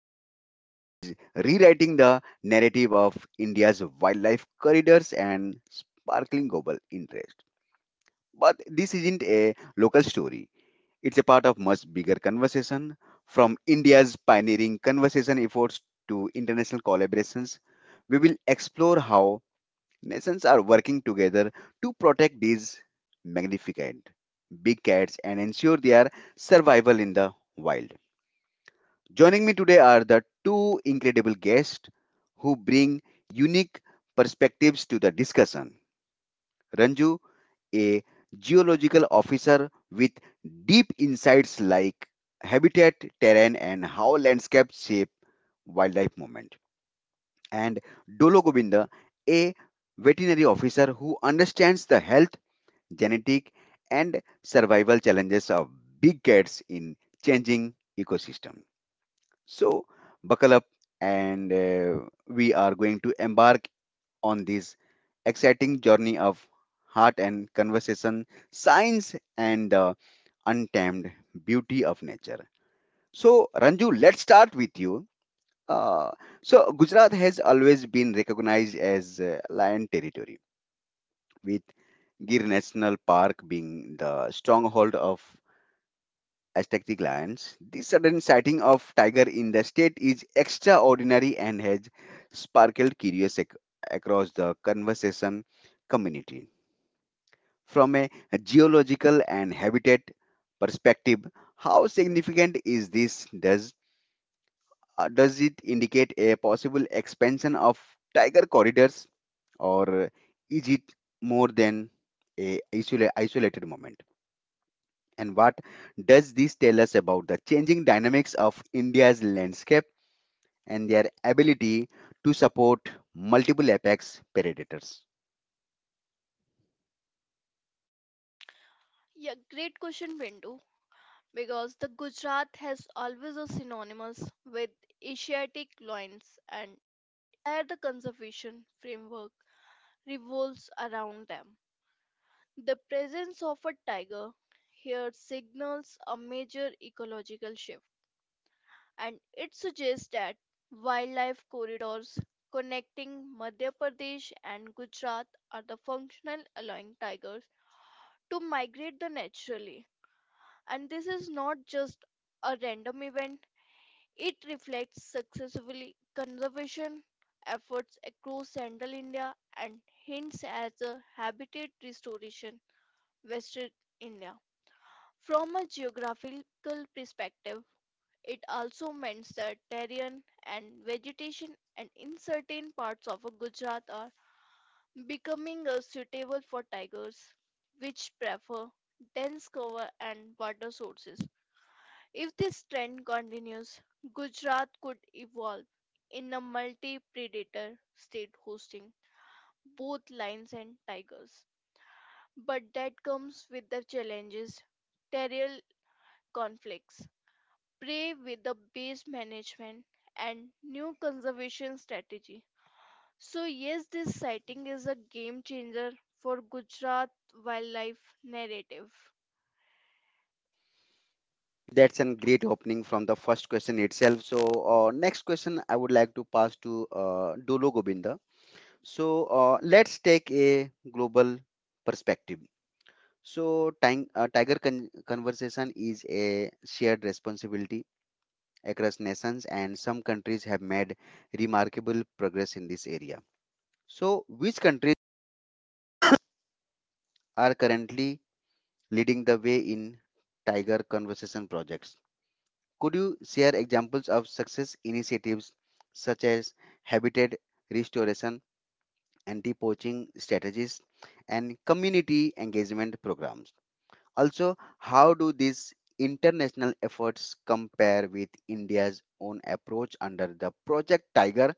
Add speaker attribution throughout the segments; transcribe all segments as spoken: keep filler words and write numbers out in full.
Speaker 1: This rare event is rewriting the narrative of India's wildlife corridors and sparkling global interest. But this isn't a local story. It's a part of much bigger conversation, from India's pioneering conservation efforts to international collaborations. We will explore how nations are working together to protect these magnificent big cats and ensure their survival in the wild. Joining me today are the two incredible guests who bring unique perspectives to the discussion. Ranju, a geological officer with deep insights like habitat, terrain, and how landscapes shape wildlife movement. And Dolo Govinda, a veterinary officer who understands the health genetic, and survival challenges of big cats in changing ecosystem. So buckle up and uh, we are going to embark on this exciting journey of heart and conversation, science and the untamed beauty of nature. So Ranju, let's start with you. Uh, so Gujarat has always been recognized as uh, lion territory with Gir National Park being the stronghold of Aztec lions. The sudden sighting of tiger in the state is extraordinary and has sparkled curiosity across the conservation community. From a geological and habitat perspective, how significant is this? Does uh, does it indicate a possible expansion of tiger corridors, or is it more than a isol- isolated moment? And what does this tell us about the changing dynamics of India's landscape and their ability to support multiple apex predators?
Speaker 2: Yeah, great question, Bindu. Because the Gujarat has always a synonymous with Asiatic loins and where the conservation framework revolves around them. The presence of a tiger here signals a major ecological shift, and it suggests that wildlife corridors connecting Madhya Pradesh and Gujarat are the functional allowing tigers to migrate the naturally. And this is not just a random event, it reflects successfully conservation efforts across central India and hints at the habitat restoration western India. From a geographical perspective, it also means that terrain and vegetation and in certain parts of Gujarat are becoming uh, suitable for tigers, which prefer dense cover and water sources. If this trend continues, Gujarat could evolve in a multi predator state hosting both lions and tigers. But that comes with the challenges, territorial conflicts, prey with the base management, and new conservation strategy. So, yes, this sighting is a game changer for Gujarat wildlife narrative.
Speaker 1: That's a great opening from the first question itself. So, uh, next question I would like to pass to uh, Dolo Gobinda. So, uh, let's take a global perspective. So, tang- uh, tiger con- conversation is a shared responsibility across nations, and some countries have made remarkable progress in this area. So, which countries are currently leading the way in tiger conservation projects? Could you share examples of success initiatives such as habitat restoration, anti-poaching strategies, and community engagement programs? Also, how do these international efforts compare with India's own approach under the Project Tiger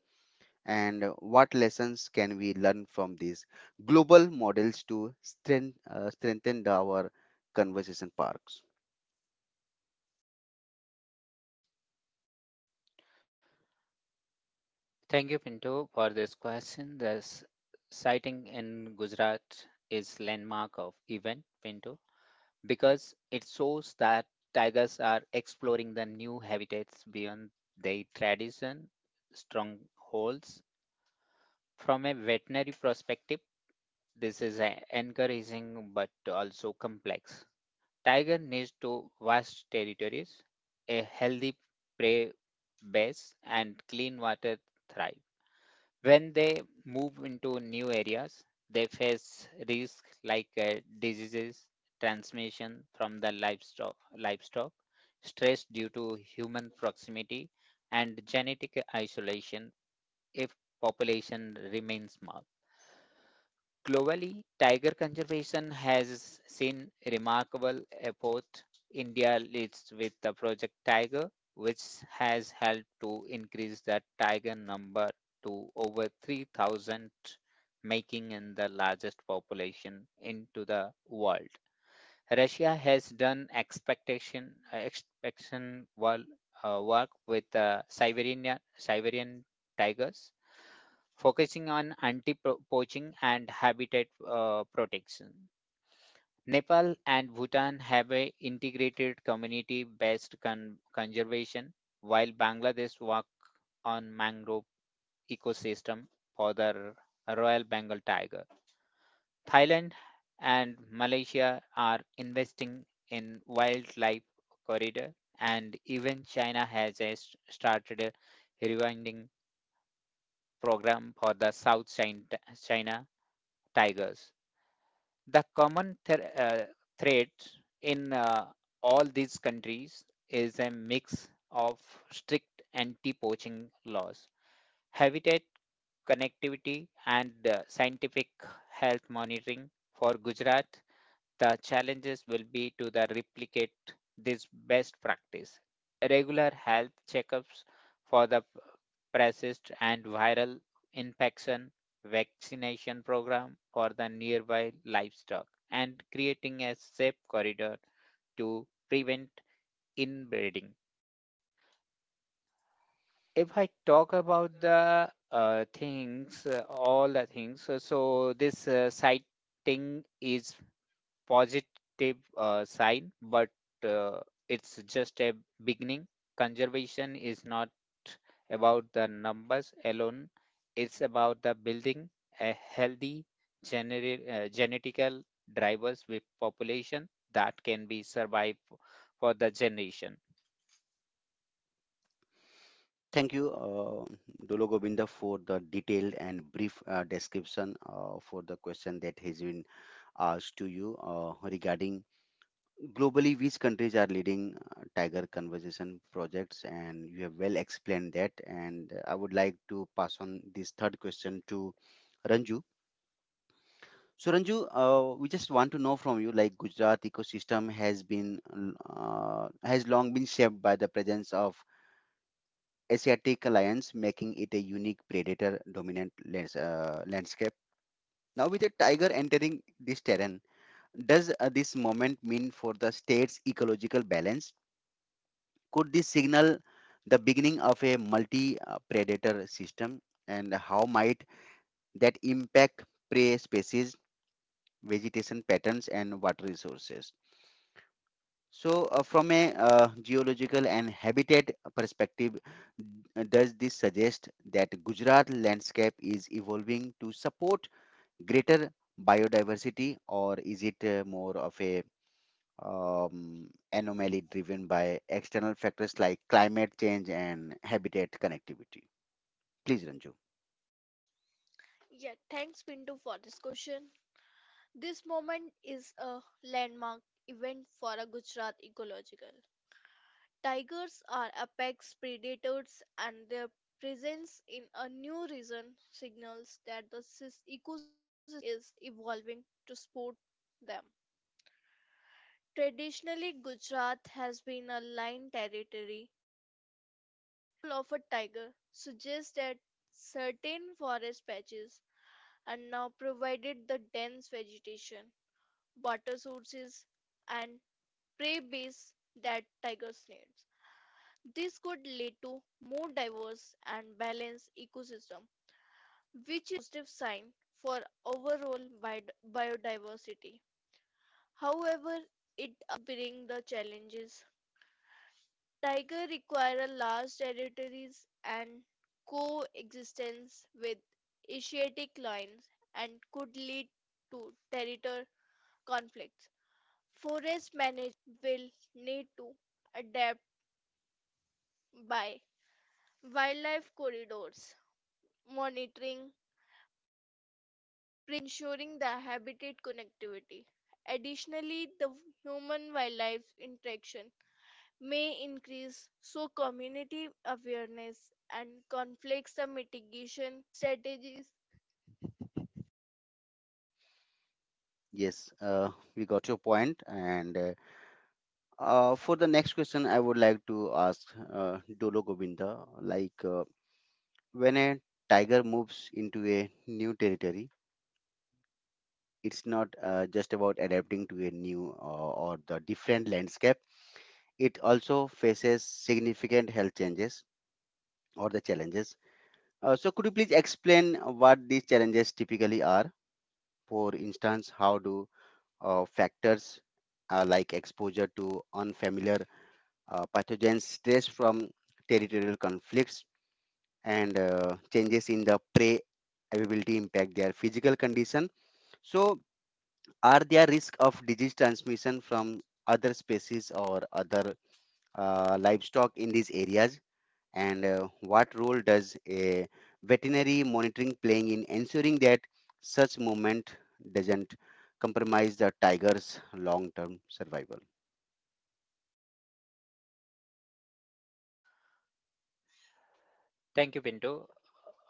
Speaker 1: and what lessons can we learn from these global models to strengthen, uh, strengthen our conversation parks?
Speaker 3: Thank you, Pinto, for this question. This sighting in Gujarat is landmark of event, Pinto, because it shows that tigers are exploring the new habitats beyond their tradition strongholds. From a veterinary perspective, this is a- encouraging but also complex. Tiger needs to vast territories, a healthy prey base, and clean water thrive. When they move into new areas, they face risks like uh, diseases, transmission from livestock, livestock, stress due to human proximity, and genetic isolation if population remains small. Globally, tiger conservation has seen remarkable efforts. India leads with the Project Tiger, which has helped to increase the tiger number to over three thousand, making it the largest population into the world. Russia has done expectation uh, expectation wall, uh, work with uh, Siberian Siberian tigers, focusing on anti-poaching and habitat uh, protection. Nepal and Bhutan have a integrated community-based con- conservation, while Bangladesh work on mangrove ecosystem for the Royal Bengal tiger. Thailand and Malaysia are investing in wildlife corridor and even China has a s- started a rewilding program for the South Chin- China tigers. The common th- uh, thread in uh, all these countries is a mix of strict anti-poaching laws habitat connectivity and uh, scientific health monitoring for Gujarat, the challenges will be to the replicate this best practice. Regular health checkups for the p- persist and viral infection vaccination program for the nearby livestock and creating a safe corridor to prevent inbreeding. If I talk about the uh, things, uh, All the things, uh, so this uh, sighting is positive uh, sign, but uh, it's just a beginning. Conservation is not about the numbers alone; it's about the building a healthy generi uh, genetical drivers with population that can be survived for the generation.
Speaker 1: Thank you, uh, Dolo Govinda, for the detailed and brief uh, description uh, for the question that has been asked to you uh, regarding globally which countries are leading uh, Tiger conversation projects, and you have well explained that. And I would like to pass on this third question to Ranju. So Ranju, uh, we just want to know from you, like Gujarat ecosystem has been uh, has long been shaped by the presence of Asiatic lions, making it a unique predator dominant lands, uh, landscape. Now, with a tiger entering this terrain, does uh, this moment mean for the state's ecological balance? Could this signal the beginning of a multi-predator system, and how might that impact prey species, vegetation patterns, and water resources? So, uh, from a uh, geological and habitat perspective, uh, does this suggest that Gujarat landscape is evolving to support greater biodiversity, or is it uh, more of a um, anomaly driven by external factors like climate change and habitat connectivity? Please, Ranju.
Speaker 2: Yeah, thanks, Pinto, for this question. This moment is a landmark event for a Gujarat ecological. Tigers are apex predators and their presence in a new region signals that the sys- ecosystem is evolving to support them. Traditionally, Gujarat has been a lion territory. Role of a tiger suggests that certain forest patches are now provided the dense vegetation water sources, and prey base that tigers need. This could lead to more diverse and balanced ecosystem, which is a positive sign for overall biodiversity. However, it brings the challenges. Tiger require large territories and coexistence with Asiatic lions and could lead to territorial conflicts. Forest management will need to adapt by wildlife corridors, monitoring, ensuring the habitat connectivity. Additionally, the human wildlife interaction may increase, so community awareness and conflicts the mitigation strategies
Speaker 1: Yes, uh, we got your point. And uh, uh, for the next question, I would like to ask uh, Dolo Govinda, like. Uh, when a tiger moves into a new territory, it's not uh, just about adapting to a new uh, or the different landscape. It also faces significant health changes or the challenges. Uh, so could you please explain what these challenges typically are? For instance, how do uh, factors uh, like exposure to unfamiliar uh, pathogens, stress from territorial conflicts, and uh, changes in the prey availability impact their physical condition? So are there risk of disease transmission from other species or other uh, livestock in these areas? And uh, what role does a veterinary monitoring playing in ensuring that such movement doesn't compromise the tiger's long-term survival?
Speaker 3: Thank you, Pinto.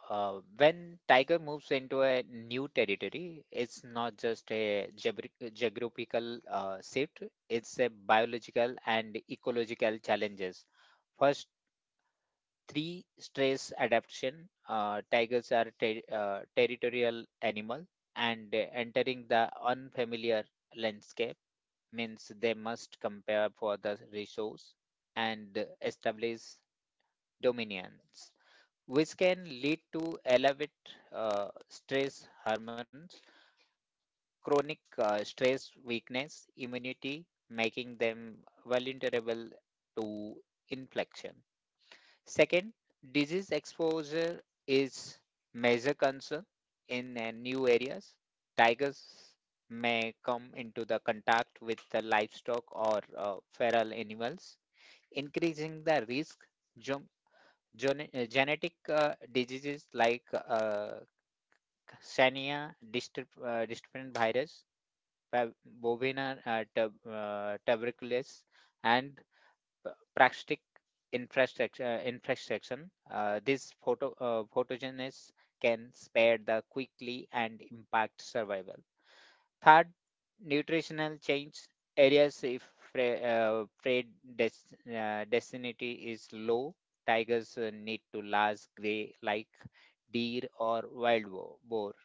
Speaker 3: Uh, when tiger moves into a new territory, it's not just a geobr- geographical uh, shift, it's a biological and ecological challenges. First, three stress adaptation. Uh, tigers are ter- uh, territorial animal and uh, entering the unfamiliar landscape means they must compare for the resource and establish dominions which can lead to elevated uh, stress hormones, chronic uh, stress weakness, immunity, making them vulnerable to infection. Second, disease exposure is major concern in uh, new areas. Tigers may come into the contact with the livestock or uh, feral animals, increasing the risk. Jump, gen- uh, genetic uh, diseases like uh, Sania, distant, uh, distant virus, pa- bovina uh, tub, uh, tuberculosis, and p- parasitic infrastructure uh, infection. Uh, this photo, uh, pathogens can spread the quickly and impact survival. Third, nutritional change areas if pre, uh, predest- uh, density is low. Tigers uh, need to large gray like deer or wild bo- boar.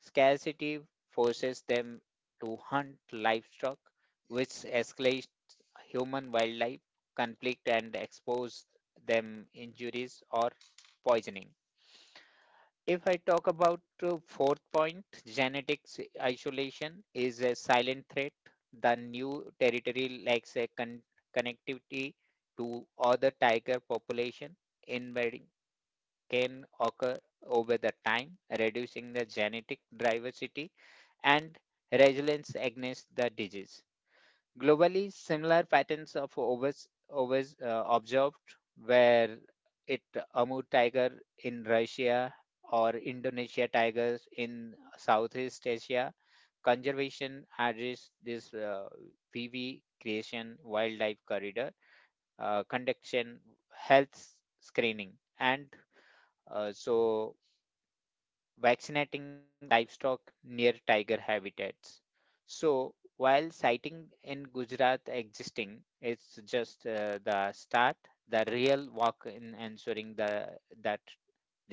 Speaker 3: Scarcity forces them to hunt livestock, which escalates human wildlife conflict and expose them injuries or poisoning. If I talk about uh, fourth point, genetics isolation is a silent threat. The new territory lacks a con- connectivity to other tiger population, invading can occur over the time, reducing the genetic diversity and resilience against the disease. Globally, similar patterns of overs, overs uh, observed where it Amur tiger in Russia or Indonesia tigers in Southeast Asia. Conservation address this uh, P V creation wildlife corridor, uh, conduction health screening, and uh, so vaccinating livestock near tiger habitats. So, while sighting in Gujarat existing, it's just uh, the start, the real work in ensuring the, that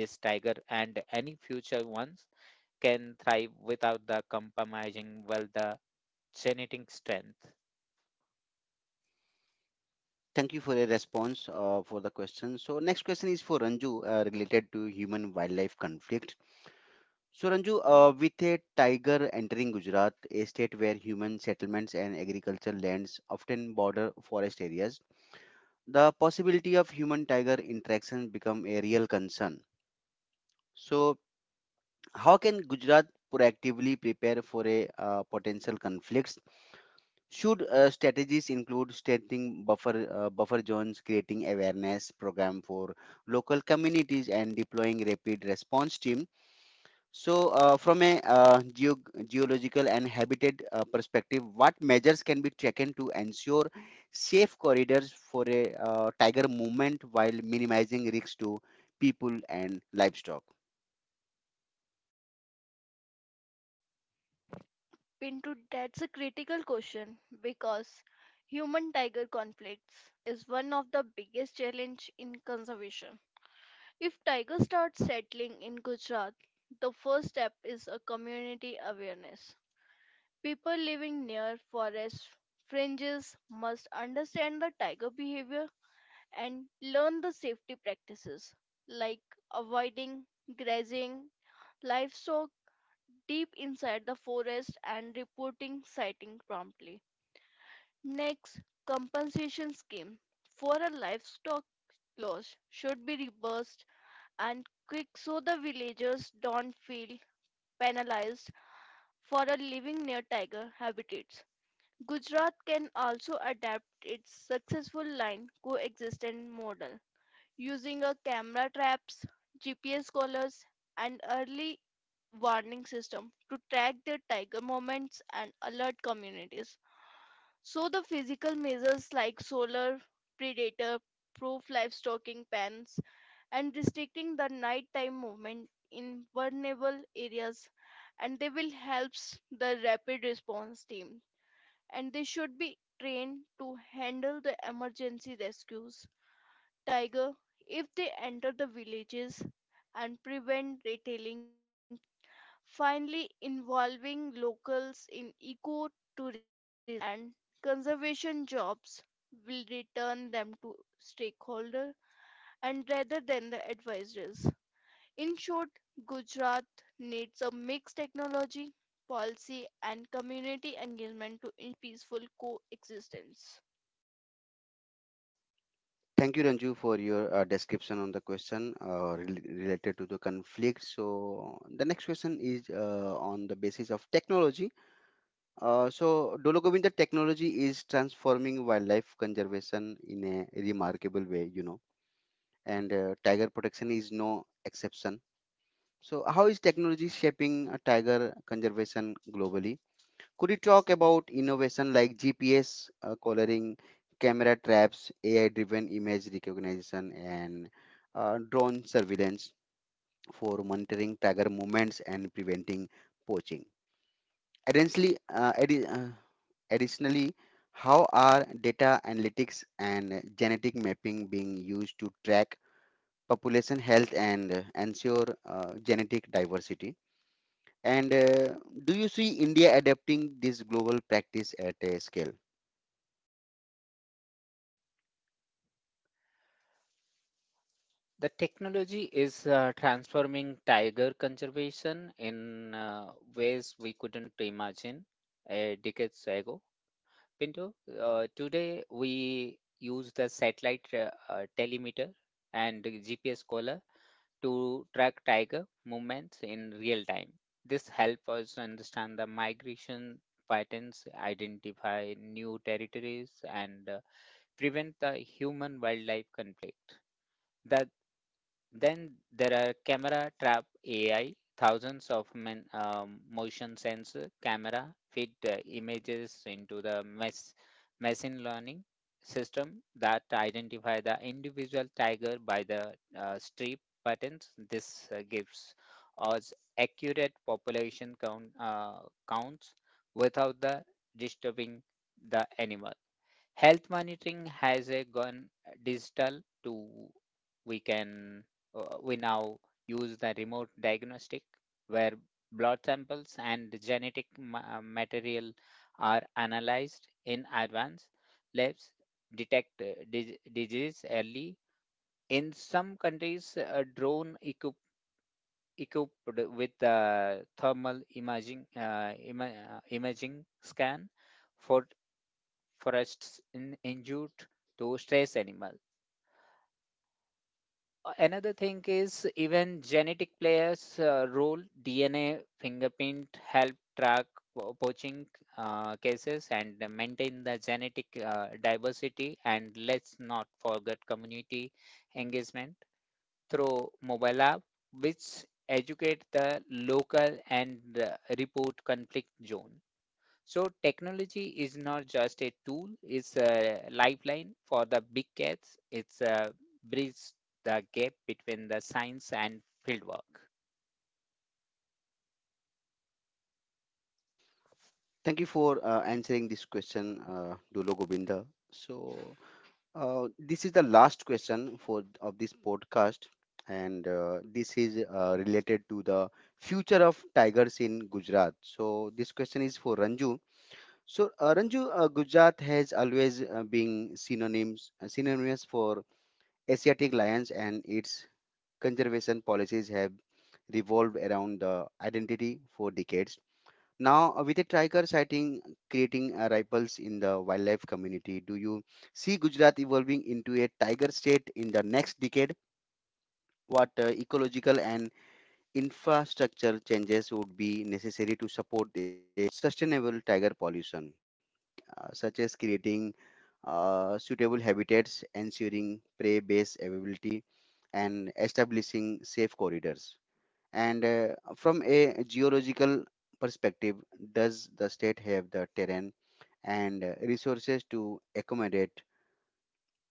Speaker 3: this tiger and any future ones can thrive without the compromising well the genetic strength.
Speaker 1: Thank you for your response uh, for the question. So next question is for Ranju uh, related to human wildlife conflict. So, Ranju, uh, with a tiger entering Gujarat, a state where human settlements and agricultural lands often border forest areas, the possibility of human-tiger interaction become a real concern. So, how can Gujarat proactively prepare for a uh, potential conflicts? Should uh, strategies include strengthening buffer uh, buffer zones, creating awareness program for local communities, and deploying rapid response teams? So, uh, from a uh, geo- geological and habitat uh, perspective, what measures can be taken to ensure safe corridors for a uh, tiger movement while minimizing risks to people and livestock?
Speaker 2: into that's a critical question because human tiger conflicts is one of the biggest challenge in conservation. If tigers start settling in Gujarat, the first step is a community awareness. People living near forest fringes must understand the tiger behavior and learn the safety practices like avoiding grazing livestock deep inside the forest and reporting sighting promptly. Next, compensation scheme for a livestock loss should be reversed and quick so the villagers don't feel penalized for a living near tiger habitats. Gujarat can also adapt its successful line coexistent model using a camera traps, G P S collars, and early warning system to track their tiger movements and alert communities. So the physical measures like solar predator proof livestocking pens and restricting the nighttime movement in vulnerable areas and they will help the rapid response team and they should be trained to handle the emergency rescues tiger if they enter the villages and prevent retailing finally involving locals in eco and conservation jobs will return them to stakeholder and rather than the advisors. In short, Gujarat needs a mixed technology, policy and community engagement to in peaceful coexistence.
Speaker 1: Thank you, Ranju, for your uh, description on the question uh, rel- related to the conflict. So, the next question is uh, on the basis of technology. Uh, so, Dologovind, the technology is transforming wildlife conservation in a remarkable way, you know, and uh, tiger protection is no exception. So, how is technology shaping uh, tiger conservation globally? Could you talk about innovation like G P S uh, collaring, camera traps, A I-driven image recognition, and uh, drone surveillance for monitoring tiger movements and preventing poaching? Additionally, uh, addi- uh, additionally, how are data analytics and genetic mapping being used to track population health and uh, ensure uh, genetic diversity? And uh, do you see India adapting this global practice at a scale?
Speaker 3: The technology is uh, transforming tiger conservation in uh, ways we couldn't imagine uh, decades ago Pinto, uh, today we use the satellite uh, uh, telemeter and the G P S collar to track tiger movements in real time. This helps us understand the migration patterns, identify new territories, and uh, prevent the human wildlife conflict. That then there are camera trap A I, thousands of men, um, motion sensor camera feed uh, images into the mess, machine learning system that identify the individual tiger by the uh, strip patterns. This uh, gives us accurate population count uh, counts without the disturbing the animal health monitoring has uh, gone digital to we can uh, we now use the remote diagnostic where blood samples and genetic ma- uh, material are analyzed in advance labs detect uh, dis- disease early in some countries a drone equip- equipped with uh, thermal imaging uh, ima- uh, imaging scan for forests in, injured to stress animal. Uh, Another thing is even genetic players uh, role D N A fingerprint help track po- poaching uh, cases and maintain the genetic uh, diversity and let's not forget community engagement through mobile app which educate the local and uh, report conflict zone. So technology is not just a tool, it's a lifeline for the big cats. It's a bridge the gap between the science and fieldwork.
Speaker 1: Thank you for uh, answering this question, uh, Dulo Govinda. So, uh, this is the last question for of this podcast, and uh, this is uh, related to the future of tigers in Gujarat. So, this question is for Ranju. So, uh, Ranju, uh, Gujarat has always uh, been synonyms uh, synonymous for Asiatic lions and its conservation policies have revolved around the identity for decades. Now, uh, with a tiger sighting creating uh, ripples in the wildlife community, do you see Gujarat evolving into a tiger state in the next decade? What uh, ecological and infrastructure changes would be necessary to support a sustainable tiger pollution, uh, such as creating uh, suitable habitats, ensuring prey base availability, and establishing safe corridors? And uh, from a geological perspective, does the state have the terrain and uh, resources to accommodate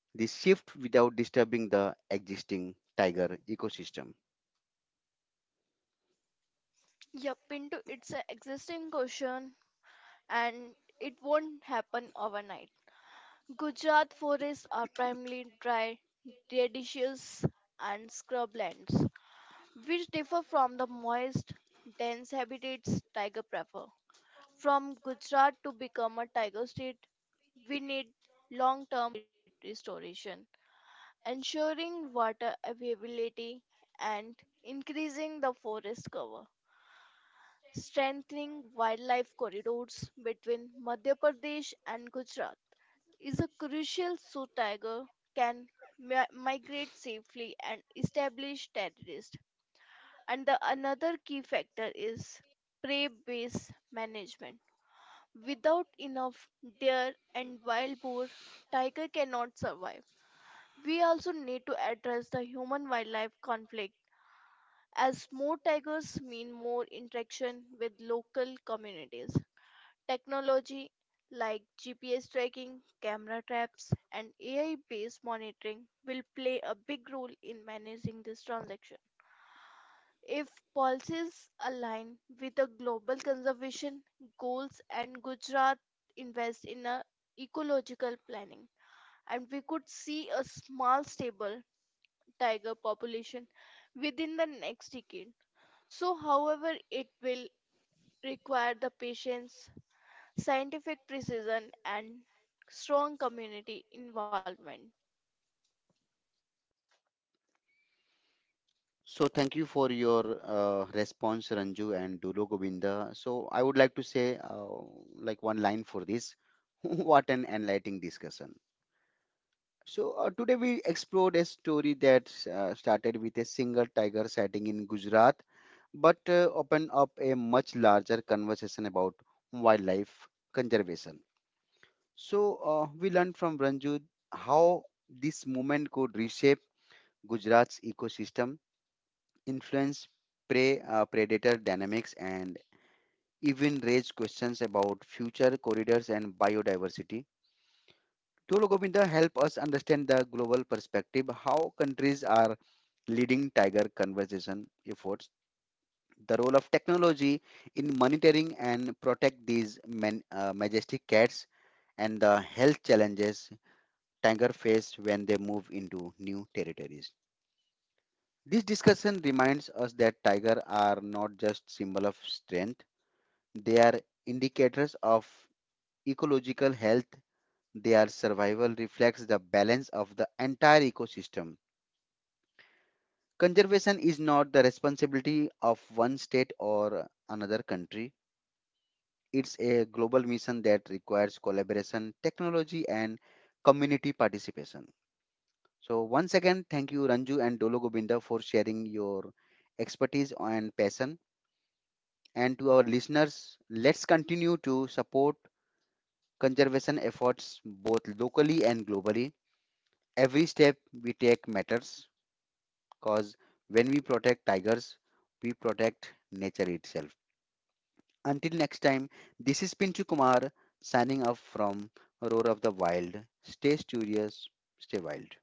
Speaker 1: this shift without disturbing the existing tiger ecosystem?
Speaker 2: Yep, into it's an existing question and it won't happen overnight. Gujarat forests are primarily dry, deciduous and scrublands, which differ from the moist, dense habitats tiger prefer. From Gujarat to become a tiger state, we need long-term restoration, ensuring water availability and increasing the forest cover, strengthening wildlife corridors between Madhya Pradesh and Gujarat is a crucial so tiger can mi- migrate safely and establish territories. And the another key factor is prey based management. Without enough deer and wild boar, tiger cannot survive. We also need to address the human wildlife conflict as more tigers mean more interaction with local communities. Technology like G P S tracking, camera traps, and A I based monitoring will play a big role in managing this transaction. If policies align with the global conservation goals and Gujarat invest in a ecological planning, and we could see a small stable tiger population within the next decade. So, however, it will require the patience, scientific precision, and strong community involvement.
Speaker 1: So thank you for your uh, response, Ranju and Dulo Govinda. So I would like to say uh, like one line for this. What an enlightening discussion. So uh, today we explored story that uh, started with a single tiger sighting in Gujarat, but uh, opened up a much larger conversation about wildlife conservation. So uh, we learned from Ranju how this movement could reshape Gujarat's ecosystem, influence prey uh, predator dynamics and even raise questions about future corridors and biodiversity. Tolo Govinda help us understand the global perspective, how countries are leading tiger conservation efforts, the role of technology in monitoring and protect these man, uh, majestic cats, and the health challenges tiger face when they move into new territories. This discussion reminds us that tiger are not just symbol of strength. They are indicators of ecological health. Their survival reflects the balance of the entire ecosystem. Conservation is not the responsibility of one state or another country. It's a global mission that requires collaboration, technology, and community participation. So, once again, thank you, Ranju and Dolo Gobinda, for sharing your expertise and passion. And to our listeners, let's continue to support conservation efforts both locally and globally. Every step we take matters because when we protect tigers, we protect nature itself. Until next time, this is Pinchu Kumar signing off from Roar of the Wild. Stay curious, stay wild.